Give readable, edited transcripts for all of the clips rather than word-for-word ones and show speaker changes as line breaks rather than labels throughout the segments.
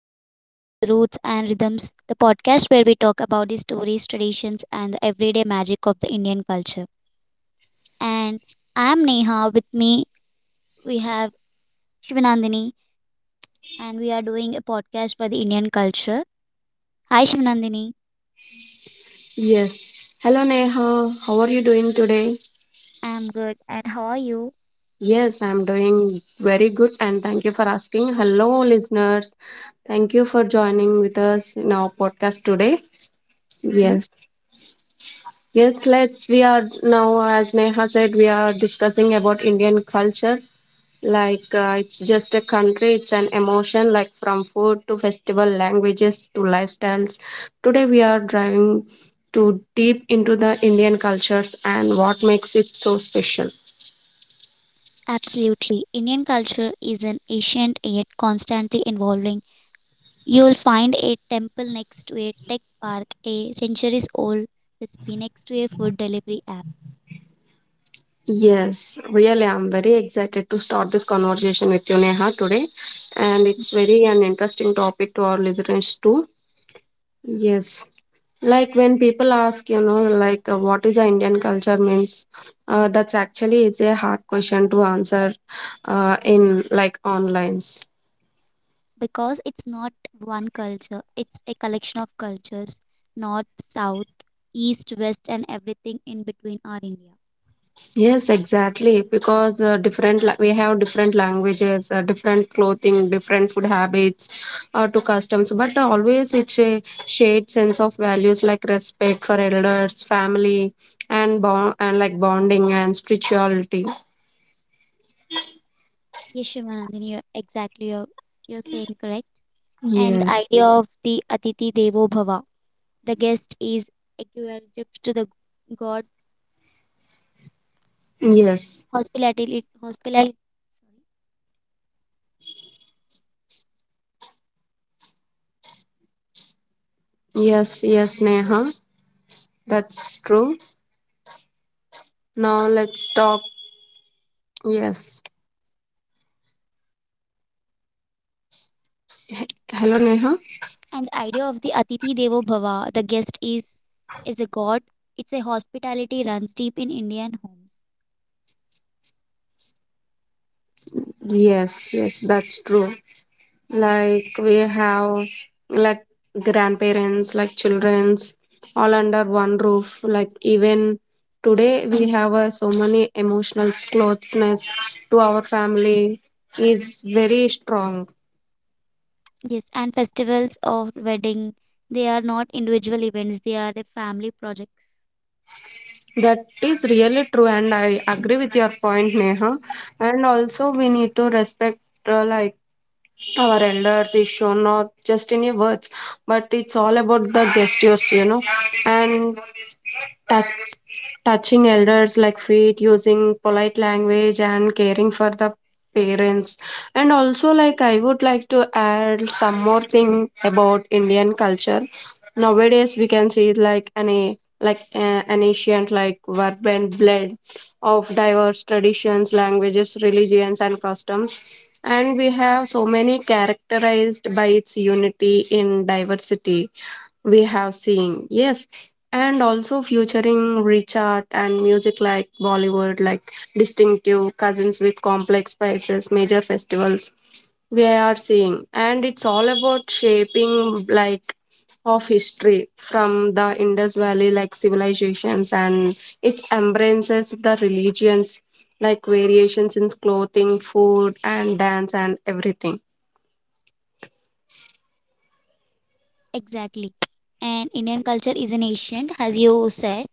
and welcome to the Roots and Rhythms, the podcast where we talk about the stories, traditions, and the everyday magic of the Indian culture. And I am Neha. With me, we have Shivanandini, and we are doing a podcast for the Indian culture. Hi, Shivanandini.
Yes. Hello, Neha. How are you doing today?
I'm good, and how are you?
Yes, I'm doing very good and thank you for asking. Hello, listeners. Thank you for joining with us in our podcast today.
Hmm?
Yes. Yes, let's we are now, as Neha said, we are discussing about Indian culture. Like it's just a country, it's an emotion, like from food to festival, languages to lifestyles. Today we are driving too deep into the Indian cultures and what makes it so special.
Absolutely. Indian culture is an ancient yet constantly evolving. You'll find a temple next to a tech park, a centuries old recipe next to a food delivery app
Yes, really, I'm very excited to start this conversation with you, Neha, today. And it's very an interesting topic to our listeners too. Yes. Like when people ask, you know, like what is the Indian culture means, that's actually it's a hard question to answer in like online.
because it's not one culture, it's a collection of cultures, north, south, east, west, and everything in between are India.
Yes, exactly. Because different la- we have different languages, different clothing, different food habits, to customs. But always it's a shared sense of values like respect for elders, family, and bond and like bonding and spirituality.
Yes, Shivanandani, you're saying correct. And the
Yes.
idea of the Atiti Devo Bhava, the guest is equivalent to the god
Yes.
hospitality, hospitality.
Yes, yes, Neha, that's true. Now let's talk. Yes. Hello, Neha.
And the idea of the Atiti Devo Bhava, the guest is a god. It's a hospitality runs deep in Indian homes.
Yes, yes, that's true. Like we have like grandparents, like children's, all under one roof. Like even today we have so many emotional closeness to our family is very strong.
Yes, and festivals or wedding, they are not individual events, they are the family projects.
That is really true, and I agree with your point, Neha. And also we need to respect like our elders is shown not just in your words, but it's all about the gestures, you know, and touch touching elders like feet, using polite language, and caring for the parents. And also, like, I would like to add some more thing about Indian culture. Nowadays, we can see like an ancient like urban blend of diverse traditions, languages, religions, and customs. And we have so many characterized by its unity in diversity we have seen. Yes, and also featuring rich art and music like Bollywood, like distinctive cousins with complex spices, major festivals we are seeing, and it's all about shaping like of history from the Indus Valley like civilizations, and it embraces the religions like variations in clothing, food, and dance, and everything.
Exactly. And Indian culture is an ancient, as you said.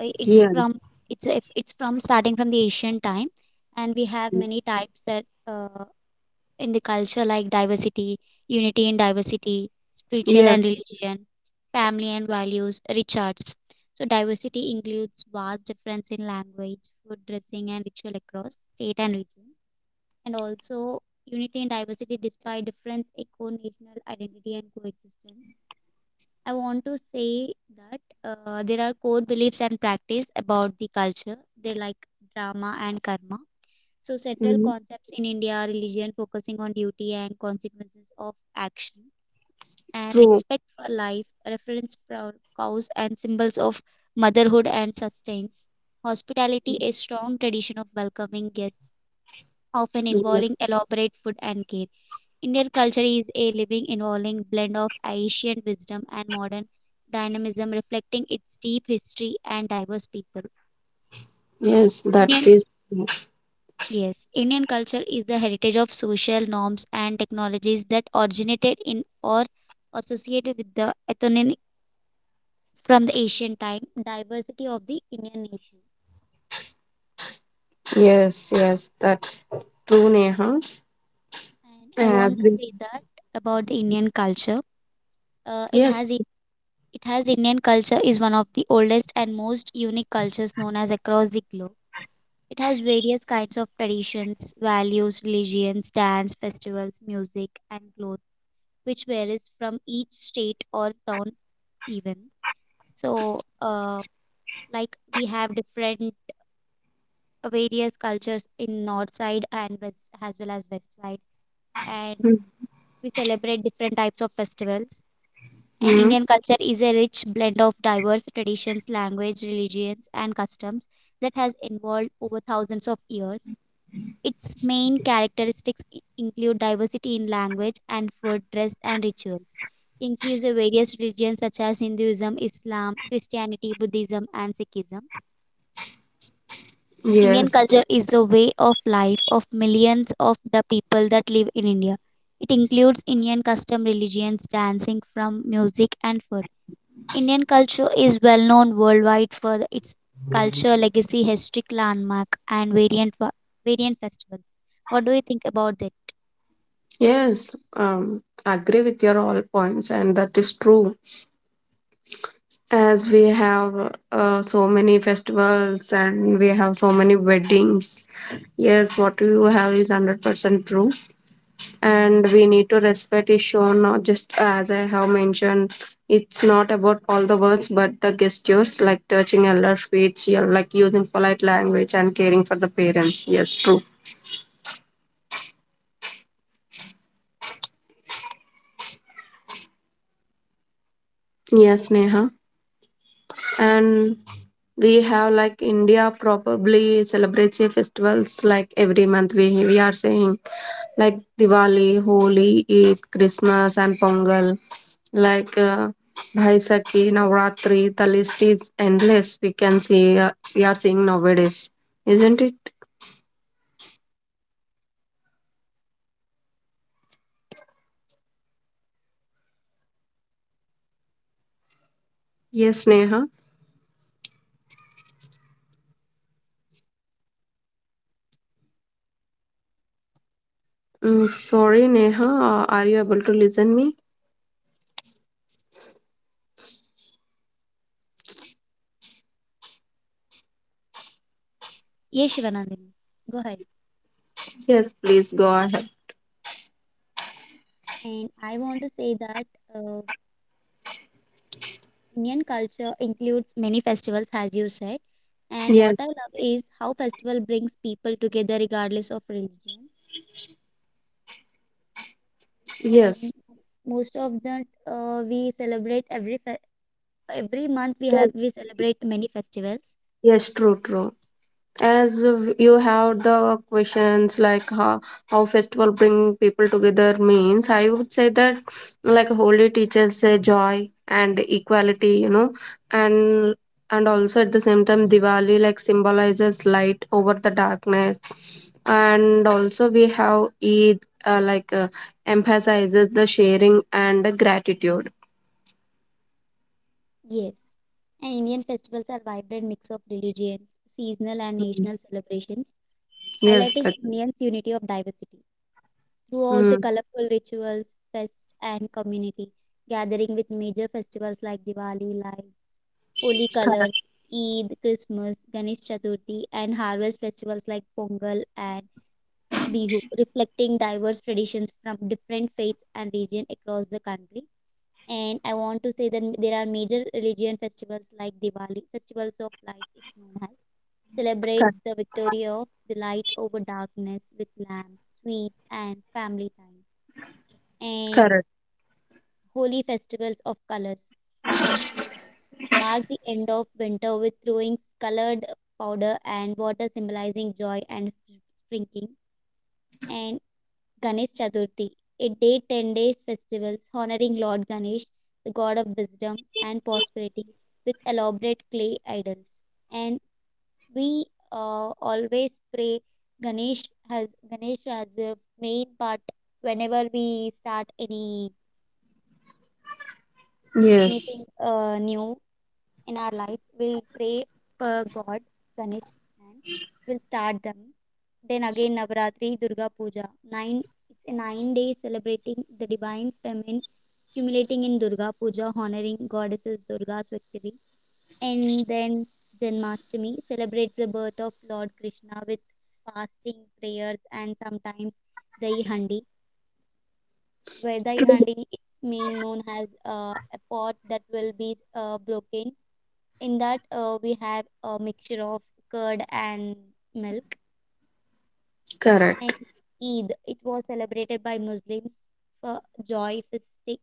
It's
Yeah.
from it's if it's from starting from the ancient time, and we have many types that in the culture like diversity, unity in diversity, spiritual
Yes.
and religion, family and values, rich arts. So diversity includes vast difference in language, food, dressing, and ritual across state and region, and also unity and diversity despite difference eco national identity and coexistence. I want to say that there are core beliefs and practice about the culture, they like drama and karma. So central
Mhm.
concepts in India are religion focusing on duty and consequences of action, and
True.
respect for life, reference for cows and symbols of motherhood and sustenance. Hospitality, a strong tradition of welcoming guests, often involving elaborate food and care. Indian culture is a living, evolving blend of ancient wisdom and modern dynamism, reflecting its deep history and diverse people.
Yes, that
Indian
is.
Yes, Indian culture is the heritage of social norms and technologies that originated in or associated with the ethnic, from the ancient time diversity of the Indian nation.
Yes, yes, that true, Neha.
And
I
I want to
agree.
say that about the Indian culture. Uh, it
Yes.
has it has Indian culture is one of the oldest and most unique cultures known as across the globe. It has various kinds of traditions, values, religions, dance, festivals, music, and clothes, which varies from each state or town even. So, like we have different various cultures in north side and west as well as west side, and we celebrate different types of festivals. And
Mm-hmm.
Indian culture is a rich blend of diverse traditions, language, religions, and customs that has evolved over thousands of years. Its main characteristics include diversity in language and food, dress, and rituals. Includes various religions such as Hinduism, Islam, Christianity, Buddhism, and Sikhism. Indian
Yes.
culture is the way of life of millions of the people that live in India. It includes Indian custom religions, dancing from music and food. Indian culture is well known worldwide for its culture, legacy, historic landmark, and variant festivals. What do you think about that?
Yes. Agree with your all points, and that is true. As we have so many festivals and we have so many weddings. Yes, what you have is 100% true. And we need to respect is shown, not just as I have mentioned, it's not about all the words but the gestures, like touching elder feet, yeah, like using polite language and caring for the parents. Yes, true. Yes, Neha. And we have like India probably celebrates a festivals like every month, we are saying, like Diwali, Holi, Eid, Christmas, and Pongal, like uh, Bhaisakhi, Navratri, the list is endless. We can see, we are seeing nowadays, isn't it? Yes, Neha. Sorry, Neha. Are you able to listen me?
Yes, Shivanandini. Go ahead.
Yes, please go ahead.
And I want to say that uh, Indian culture includes many festivals, as you said. And what
Yes,
I love is how festival brings people together regardless of religion.
yes,
And most of that we celebrate every month we
yes,
have we celebrate many festivals.
yes. True, true. You have the questions like how festival bring people together means, I would say that like Holy teaches say joy and equality, you know, and and also at the same time Diwali like symbolizes light over the darkness. And also we have Eid, uh, like uh, emphasizes the sharing and gratitude.
Yes. And Indian festivals are vibrant mix of religions, seasonal and
Mm.
national celebrations,
Yes,
highlighting
that.
Indians' unity of diversity, throughout the
Mm.
colorful rituals, fests, and community gathering with major festivals like Diwali, like Holi
cor-
colors, Eid, Christmas, Ganesh Chaturthi, and harvest festivals like Pongal and Bihu, reflecting diverse traditions from different faiths and regions across the country. And I want to say that there are major religion festivals like Diwali, Festivals of Lights, it's known as,
cor-
celebrates the victory of the light over darkness with lamps, sweets, and family time, and
Correct.
holy festivals of colors. It marked the end of winter with throwing colored powder and water symbolizing joy and sprinkling. And Ganesh Chaturthi, a day 10 days festivals honoring Lord Ganesh, the god of wisdom and prosperity, with elaborate clay idols. And we always pray Ganesh, has Ganesh as a main part whenever we start any anything
Yes.
new in our life, we'll pray for God, Ganesh, and we'll start them. Then again, Navaratri, Durga Puja. It's a 9 days celebrating the divine feminine, culminating in Durga Puja, honoring goddesses Durga's victory. And then Janmashtami celebrates the birth of Lord Krishna with fasting, prayers, and sometimes Dahi Handi. Where Dahi
True.
Handi is mean known as a pot that will be broken, in that, we have a mixture of curd and milk. And
Correct.
Eid, it was celebrated by Muslims for joy, festing,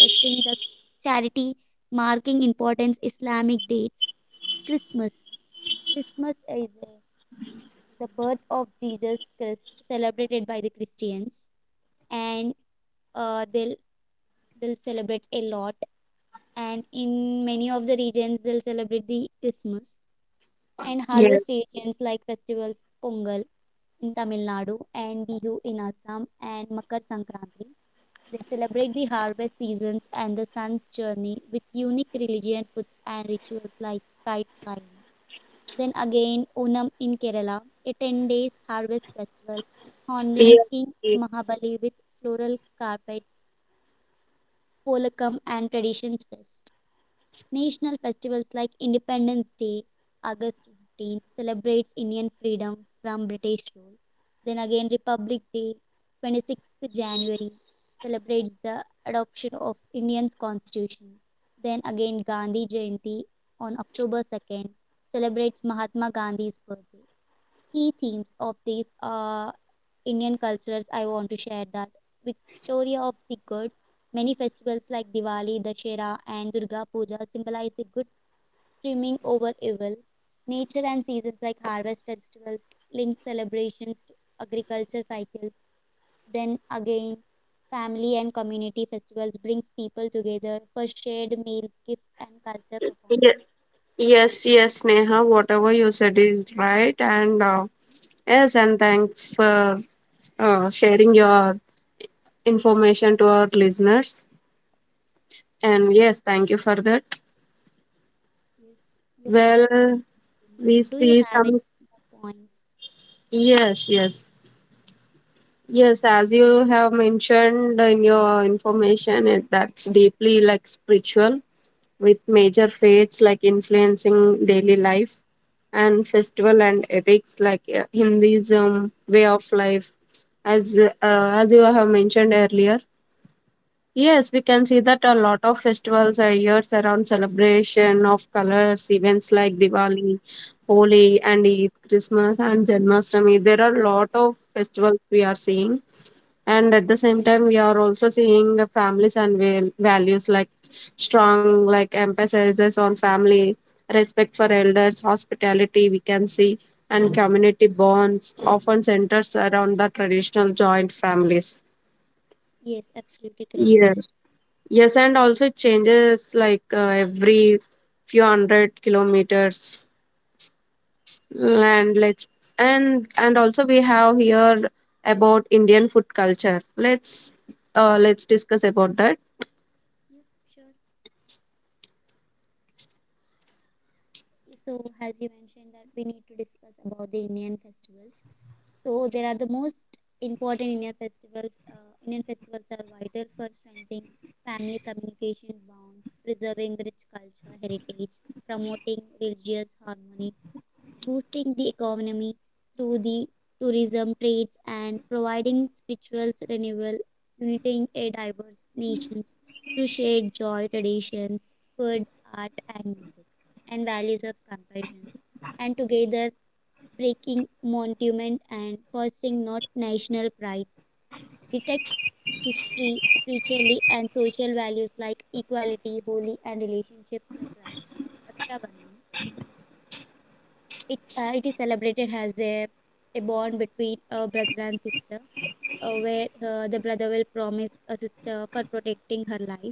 festing the charity, marking important Islamic dates. Christmas. Christmas is the birth of Jesus Christ, celebrated by the Christians, and uh, they'll they'll celebrate a lot. And in many of the regions, they'll celebrate the Christmas and
Yes,
harvest regions like festivals, Pongal in Tamil Nadu and Bihu in Assam and Makar Sankranti. They celebrate the harvest seasons and the sun's journey with unique religion foods and rituals like kite flying. Then again, Onam in Kerala, a 10 days harvest festival honoring
yes,
King
yes,
Mahabali with floral carpets, polakam, and traditions fest. National festivals like Independence Day, August 15th, celebrates Indian freedom from British rule. Then again, Republic Day, 26th January, celebrates the adoption of Indian constitution. Then again, Gandhi Jayanti on October 2nd celebrates Mahatma Gandhi's birthday. Key themes of these are Indian cultures, I want to share that. Victoria of the Good. Many festivals like Diwali, Dashera, and Durga Puja symbolize the good trimming over evil. Nature and seasons like harvest festivals link celebrations to agriculture cycles. Then again, family and community festivals brings people together for shared meals, gifts, and culture performance.
yes, yes, Neha, whatever you said is right. And yes, and thanks for sharing your information to our listeners. And yes, thank you for that.
Yes, you're welcome.
Well,
Shalini.
we
Do you
see
have any
some.
more points?
Yes, yes, yes, as you have mentioned in your information, it, that's deeply like spiritual, with major faiths like influencing daily life and festival and ethics, like Hinduism way of life, as uh, as you have mentioned earlier. Yes, we can see that a lot of festivals are years around celebration of colors, events like Diwali, Holi, and Eid, Christmas, and Janmashtami. There are a lot of festivals we are seeing, and at the same time we are also seeing the families and values like strong, like emphasizes on family, respect for elders, hospitality, we can see, and community bonds often centers around the traditional joint families.
Yes, absolutely correct.
Yeah. Yes, and also it changes like every few hundred kilometers. And let's, and also we have here about Indian food culture. Let's discuss about that.
Yep, sure. So, as you mentioned that we need to discuss about the Indian festivals. So, there are the most important Indian festivals. Indian festivals are vital for strengthening family communication bonds, preserving rich culture heritage, promoting religious harmony, boosting the economy through the tourism trades and providing spiritual renewal, uniting a diverse nations through shared joy, traditions, food, art, and music, and values of compassion, and together breaking monument and fostering not national pride, detect history, spiritually and social values like equality, holy, and relationships like Raksha, Raksha Bandhan. It is celebrated as a bond between a brother and sister, where the brother will promise a sister for protecting her life,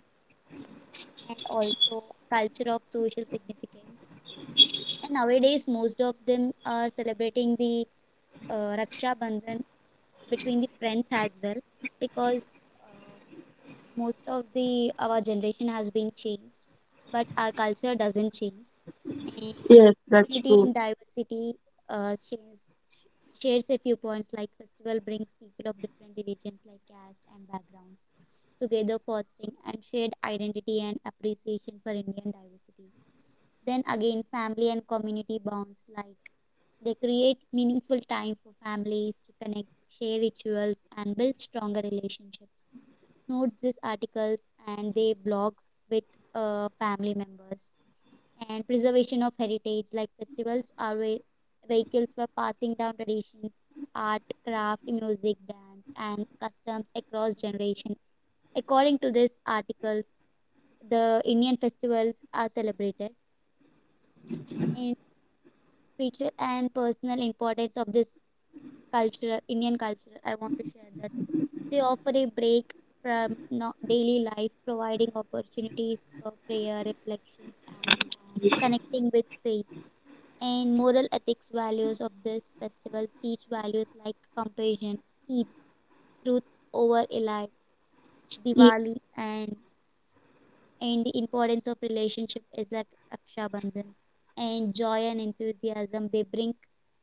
and also culture of social significance. And nowadays, most of them are celebrating the Raksha Bandhan between the friends as well, because uh, most of the our generation has been changed, but our culture doesn't change. And
Yes, that's
unity in
true.
diversity uh, shares, shares a few points like festival brings people of different religions like caste and backgrounds together fostering and shared identity and appreciation for Indian diversity. Then again family and community bonds like they create meaningful time for families to connect, share rituals and build stronger relationships. Note these articles and they blogs with family members and preservation of heritage like festivals are vehicles for passing down traditions art craft music dance and customs across generation. According to this articles, the Indian festivals are celebrated, and spiritual and personal importance of this culture Indian culture, I want to share that they offer a break from daily life providing opportunities for prayer reflections and connecting with faith and moral ethics values of this festivals teach values like compassion, Eid, truth over a lie,
Ye-
Diwali, and the importance of relationship is like Raksha Bandhan and joy and enthusiasm. They bring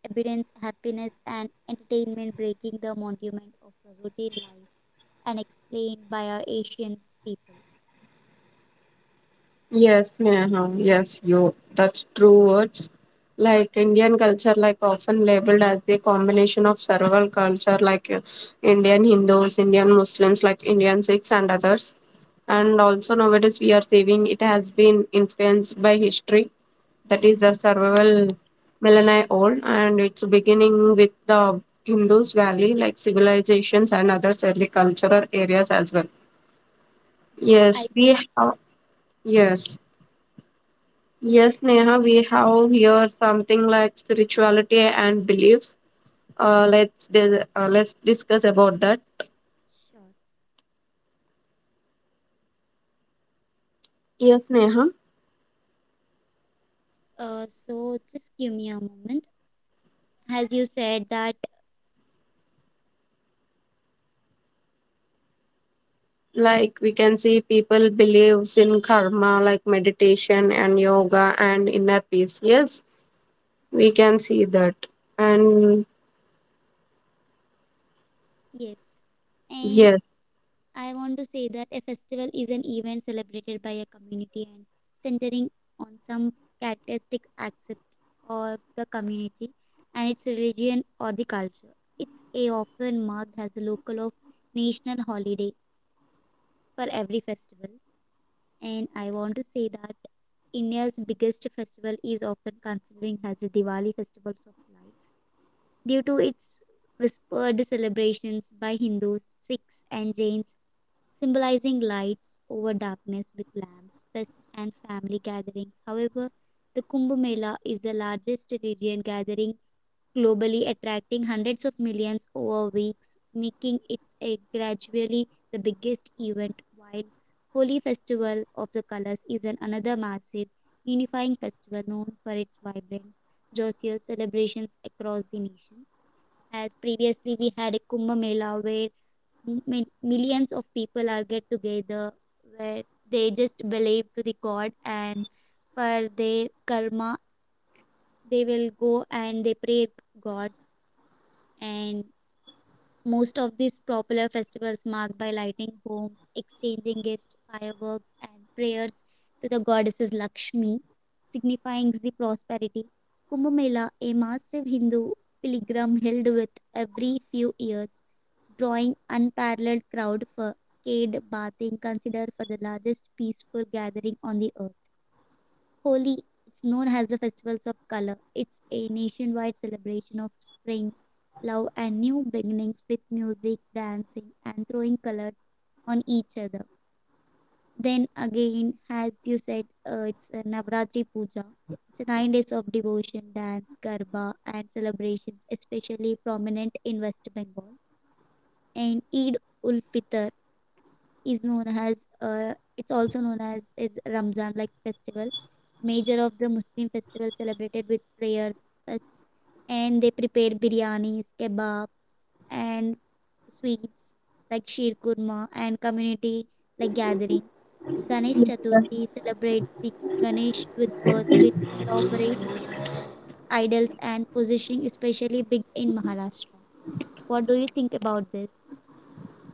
abundance, happiness, and entertainment, breaking the monument of a routine life and explained by our Asian people.
Yes, Neha, yes, you. That's true words. Like Indian culture, like often labeled as a combination of several culture, like Indian Hindus, Indian Muslims, like Indian Sikhs, and others. And also nowadays we are seeing it has been influenced by history, that is a survival millennia old, and it's beginning with the Hindus Valley, like civilizations and other early cultural areas as well.
Yes,
Yes,
I
we have. Yes. Yes, Neha, we have here something like spirituality and beliefs. Let's dis- Let's discuss about that.
sure.
Yes, Neha.
So just give me a moment. As you said that,
Like we can see people believes in karma, like meditation and yoga and inner peace. Yes, we can see that. And
yes, and
yes,
I want to say that a festival is an event celebrated by a community and centering on some characteristic aspect of the community and its religion or the culture. It's a often marked as a local or national holiday for every festival. And I want to say that India's biggest festival is often considered as the Diwali Festival of Lights due to its whispered celebrations by Hindus, Sikhs, and Jains symbolizing lights over darkness with lamps, feasts, and family gatherings. However, the Kumbh Mela is the largest religion gathering globally, attracting hundreds of millions over weeks, making it a gradually the biggest event. While Holi Festival of the Colors is an another massive unifying festival known for its vibrant, joyous celebrations across the nation. As previously we had a Kumbh Mela where millions of people are get together where they just believe to the god and for their karma they will go and they pray god. And most of these popular festivals marked by lighting homes, exchanging gifts, fireworks, and prayers to the goddesses Lakshmi, signifying the prosperity. Kumbh Mela, a massive Hindu pilgrim held with every few years, drawing unparalleled crowd for skate bathing, considered for the largest peaceful gathering on the earth. Holi, it's known as the Festivals of Color. It's a nationwide celebration of spring, love, and new beginnings with music, dancing, and throwing colors on each other. Then again, as you said, it's a Navratri Puja. It's 9 days of devotion, dance, garba, and celebrations, especially prominent in West Bengal. And Eid ul Fitr, is known as, it's also known as is Ramzan like festival, major of the Muslim festival celebrated with prayers, fast, and they prepare biryanis, kebab, and sweets like sheer kurma and community like gathering. Ganesh Chaturthi celebrates the Ganesh with birth with elaborate idols and positioning, especially big in Maharashtra. What do you think about this?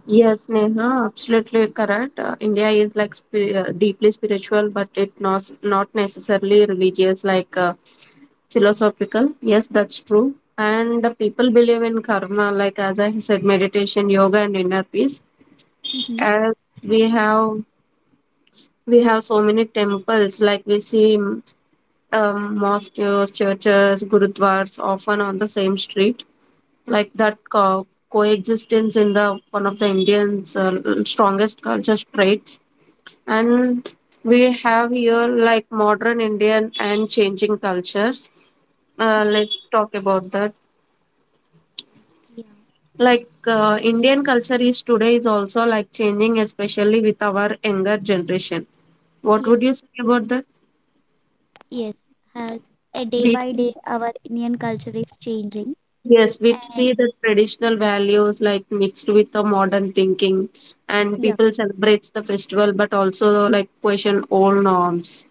yes, Neha, absolutely correct. India is like deeply spiritual, but it not not necessarily religious. Like. Philosophical, yes, that's true, and the people
Yeah.
believe in karma, like as I said, meditation, yoga, and inner peace.
Mm-hmm.
As we have We have so many temples, like we see mosques, churches, gurudwars, often on the same street. Like that coexistence in the one of the Indians strongest culture traits. And we have here like modern Indian and changing cultures. Let's talk about that.
Yeah.
Like Indian culture is today is also like changing, especially with our younger generation. What
Yeah.
would you say about that?
Yes, has a day
We
by day our Indian culture is changing.
yes, we
And
see the traditional values like mixed with the modern thinking, and
yeah,
people celebrates the festival, but also like question old norms.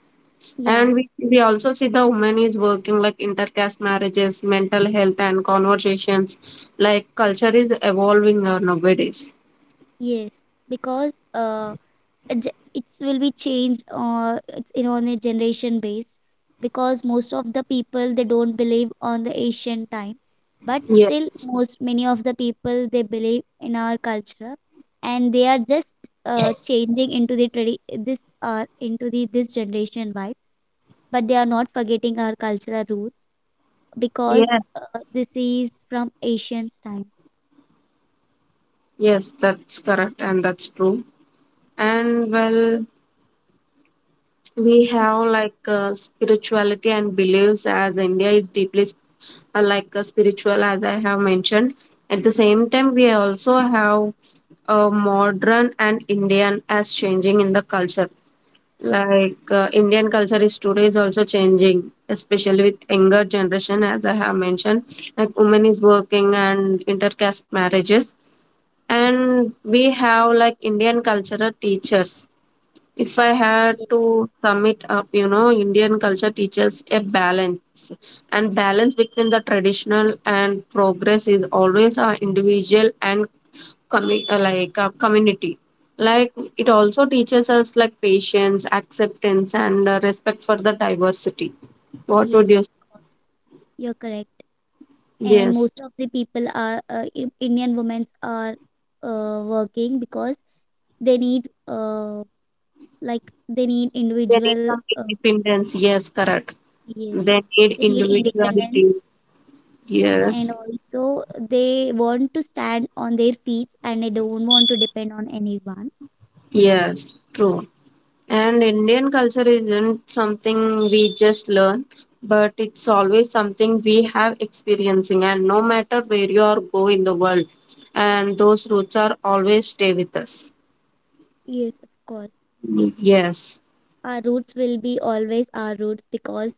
yeah,
And we also see the woman is working, like intercaste marriages, mental health, and conversations. Like culture is evolving nowadays.
yes, because a it's will be changed or it's in on a generation based, because most of the people they don't believe on the ancient time, but still
Yes.
most many of the people they believe in our culture, and they are just changing into the tradi this into the this generation vibes, but they are not forgetting our cultural roots because
Yes.
this is from ancient times.
Yes, that's correct, and that's true. And well, we have like spirituality and beliefs, as India is deeply spiritual, as I have mentioned. At the same time, we also have modern and Indian as changing in the culture. Like Indian culture is today is also changing, especially with younger generation, as I have mentioned. Like women is working and intercaste marriages, and we have like Indian cultural teachers. If I had
Yes,
to sum it up, you know, Indian culture teaches a balance. And balance between the traditional and progress is always our individual and community. Like it also teaches us like patience, acceptance, and respect for the diversity. What
yes,
would you?
of course. You're correct. And
Yes,
most of the people are Indian women are working because they need like they need
they need
individual
some independence. Yes, correct.
yes,
They need
they need independence,
individuality.
and
Yes.
also they want to stand on their feet and they don't want to depend on anyone.
Yes, true. And Indian culture isn't something we just learn, but it's always something we have experiencing. And no matter where you are go in the world, and those roots are always stay with us.
Yes, of course.
Yes.
Our roots will be always our roots because,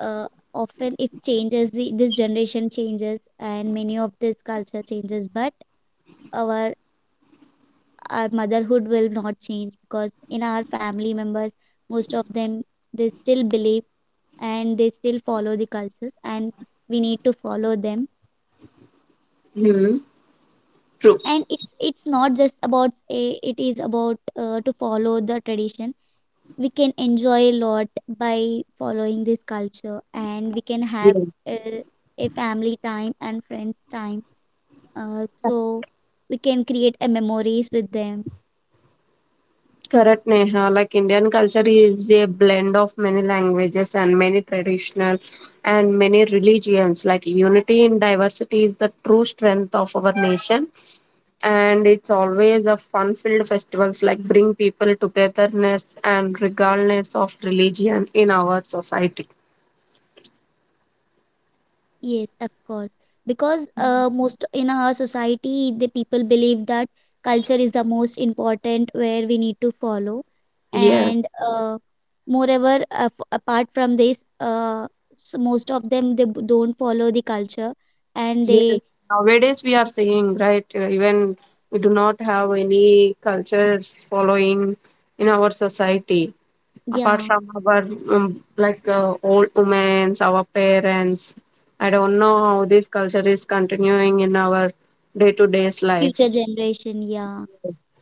uh, often if changes the, this generation changes and many of this culture changes, but our our motherhood will not change because in our family members most of them they still believe and they still follow the cultures, and we need to follow them.
Hmm. True.
And it's not just about a, it is about to follow the tradition. We can enjoy a lot by following this culture, and we can have
Yes.
a, a family time and friends time, so we can create a memories with them.
Correct, Neha. Like Indian culture is a blend of many languages and many traditional and many religions. Like unity in diversity is the true strength of our nation, and it's always a fun filled festivals like bring people togetherness and regardless of religion in our society.
Yes, of course, because most in our society the people believe that culture is the most important where we need to follow.
Yes,
And moreover, apart from this, so most of them they don't follow the culture, and
yes,
they
nowadays we are seeing, right? Even we do not have any cultures following in our society apart
yeah
from our old women, our parents. I don't know how this culture is continuing in our day to day's life.
future generation yeah,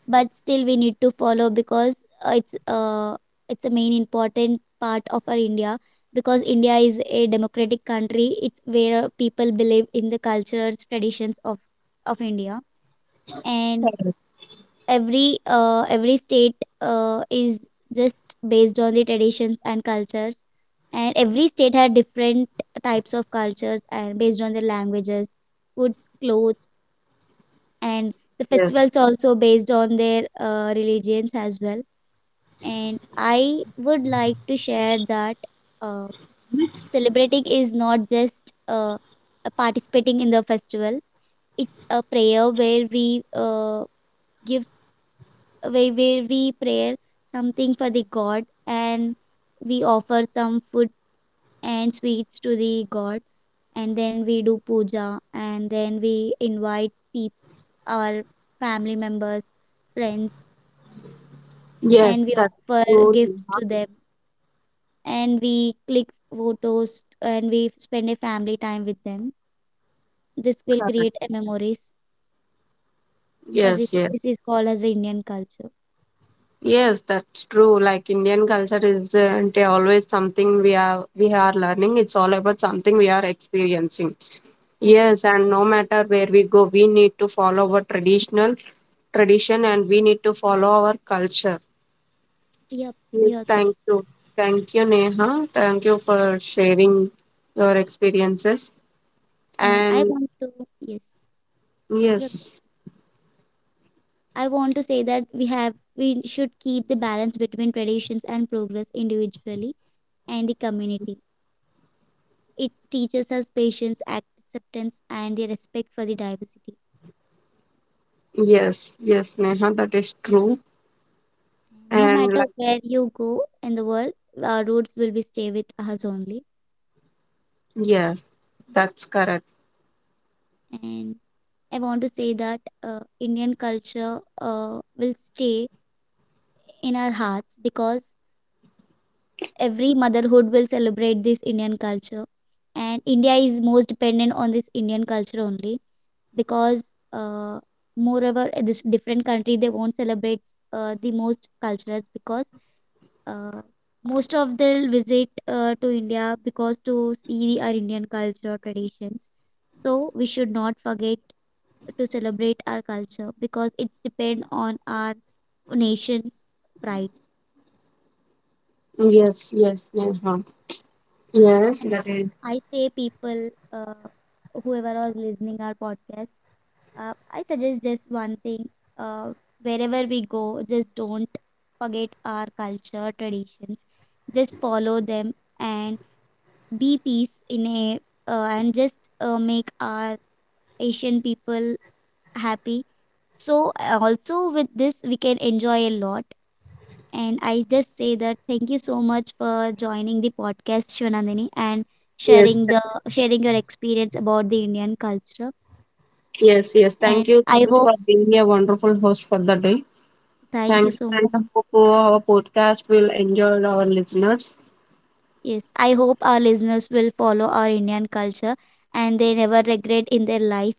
but still we need to follow because it's, it's a main important part of our India, because India is a democratic country. It's where people believe in the cultures, traditions of India, and
Correct.
every state is just based on the traditions and cultures, and every state had different types of cultures and based on their languages, foods, clothes, and the
Yes,
festivals also based on their religions as well. And I would like to share that uh, celebrating is not just uh, uh, participating in the festival. It's a prayer where we gives, where we pray something for the God, and we offer some food and sweets to the God, and then we do puja and then we invite people, our family members, friends,
yes,
and we
that's
offer
true.
gifts to them, and we click photos and we spend a family time with them. This will
Correct.
create a memories. For this,
Yes, yes.
this is called as Indian culture.
Yes, that's true. Like Indian culture is అంటే always something we are learning. It's all about something we are experiencing.
Yep,
Yes, and no matter where we go, we need to follow our traditional tradition and we need to follow our culture.
yep,
Yes,
you're correct.
thank you. Thank you, Neha. Thank you for sharing your experiences.
And I
And
want to, yes, yeah. Go.
yes,
I want to say that we have we should keep the balance between traditions and progress individually and the community. It teaches us patience, acceptance, and the respect for the diversity.
yes, yes, Neha, that is true.
No
And
matter
like
where you go in the world, our roots will be stay with us only.
yes, that's correct.
And I want to say that Indian culture will stay in our hearts because every motherhood will celebrate this Indian culture. And India is most dependent on this Indian culture only because, uh, moreover, this different country they won't celebrate the most cultures because, uh, most of they'll visit to India because to see our Indian culture traditions. So we should not forget to celebrate our culture because it's depend on our nation's pride.
Yes, yes, Neha. Yes,
And
that is.
I say people, whoever was listening our podcast, I suggest just one thing: uh, wherever we go, just don't forget our culture traditions. Just follow them and be peace in a, and just make our Asian people happy. So also with this, we can enjoy a lot. And I just say that thank you so much for joining the podcast, Shivanandini, and
Yes,
sharing the
th-
sharing your experience about the Indian culture.
yes, yes. Thank
And
you so
I
much
hope
for being a wonderful host for the day.
thank you
Thank you,
so
and I
much.
hope our podcast will enjoy our listeners.
Yes, I hope our listeners will follow our Indian culture and they never regret in their life.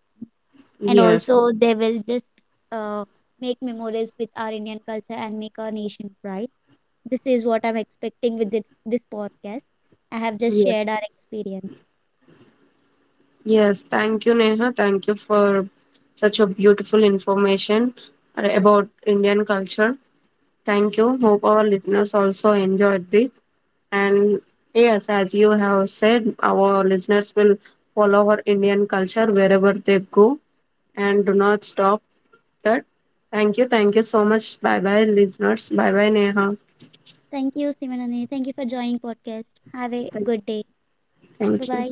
And
Yes,
also they will just uh, make memories with our Indian culture and make our nation proud. This is what I'm expecting with this podcast. I have just
yes,
shared our experience.
yes. Thank you, Neha. Thank you for such a beautiful information about Indian culture. Thank you. Hope our listeners also enjoyed this. And yes, as you have said, our listeners will follow our Indian culture wherever they go. And do not stop that. Thank you. Thank you so much. Bye bye, listeners. Bye bye, Neha.
Thank you, Simanani. Thank you for joining podcast. Have a good day. Bye
Thank you.
bye.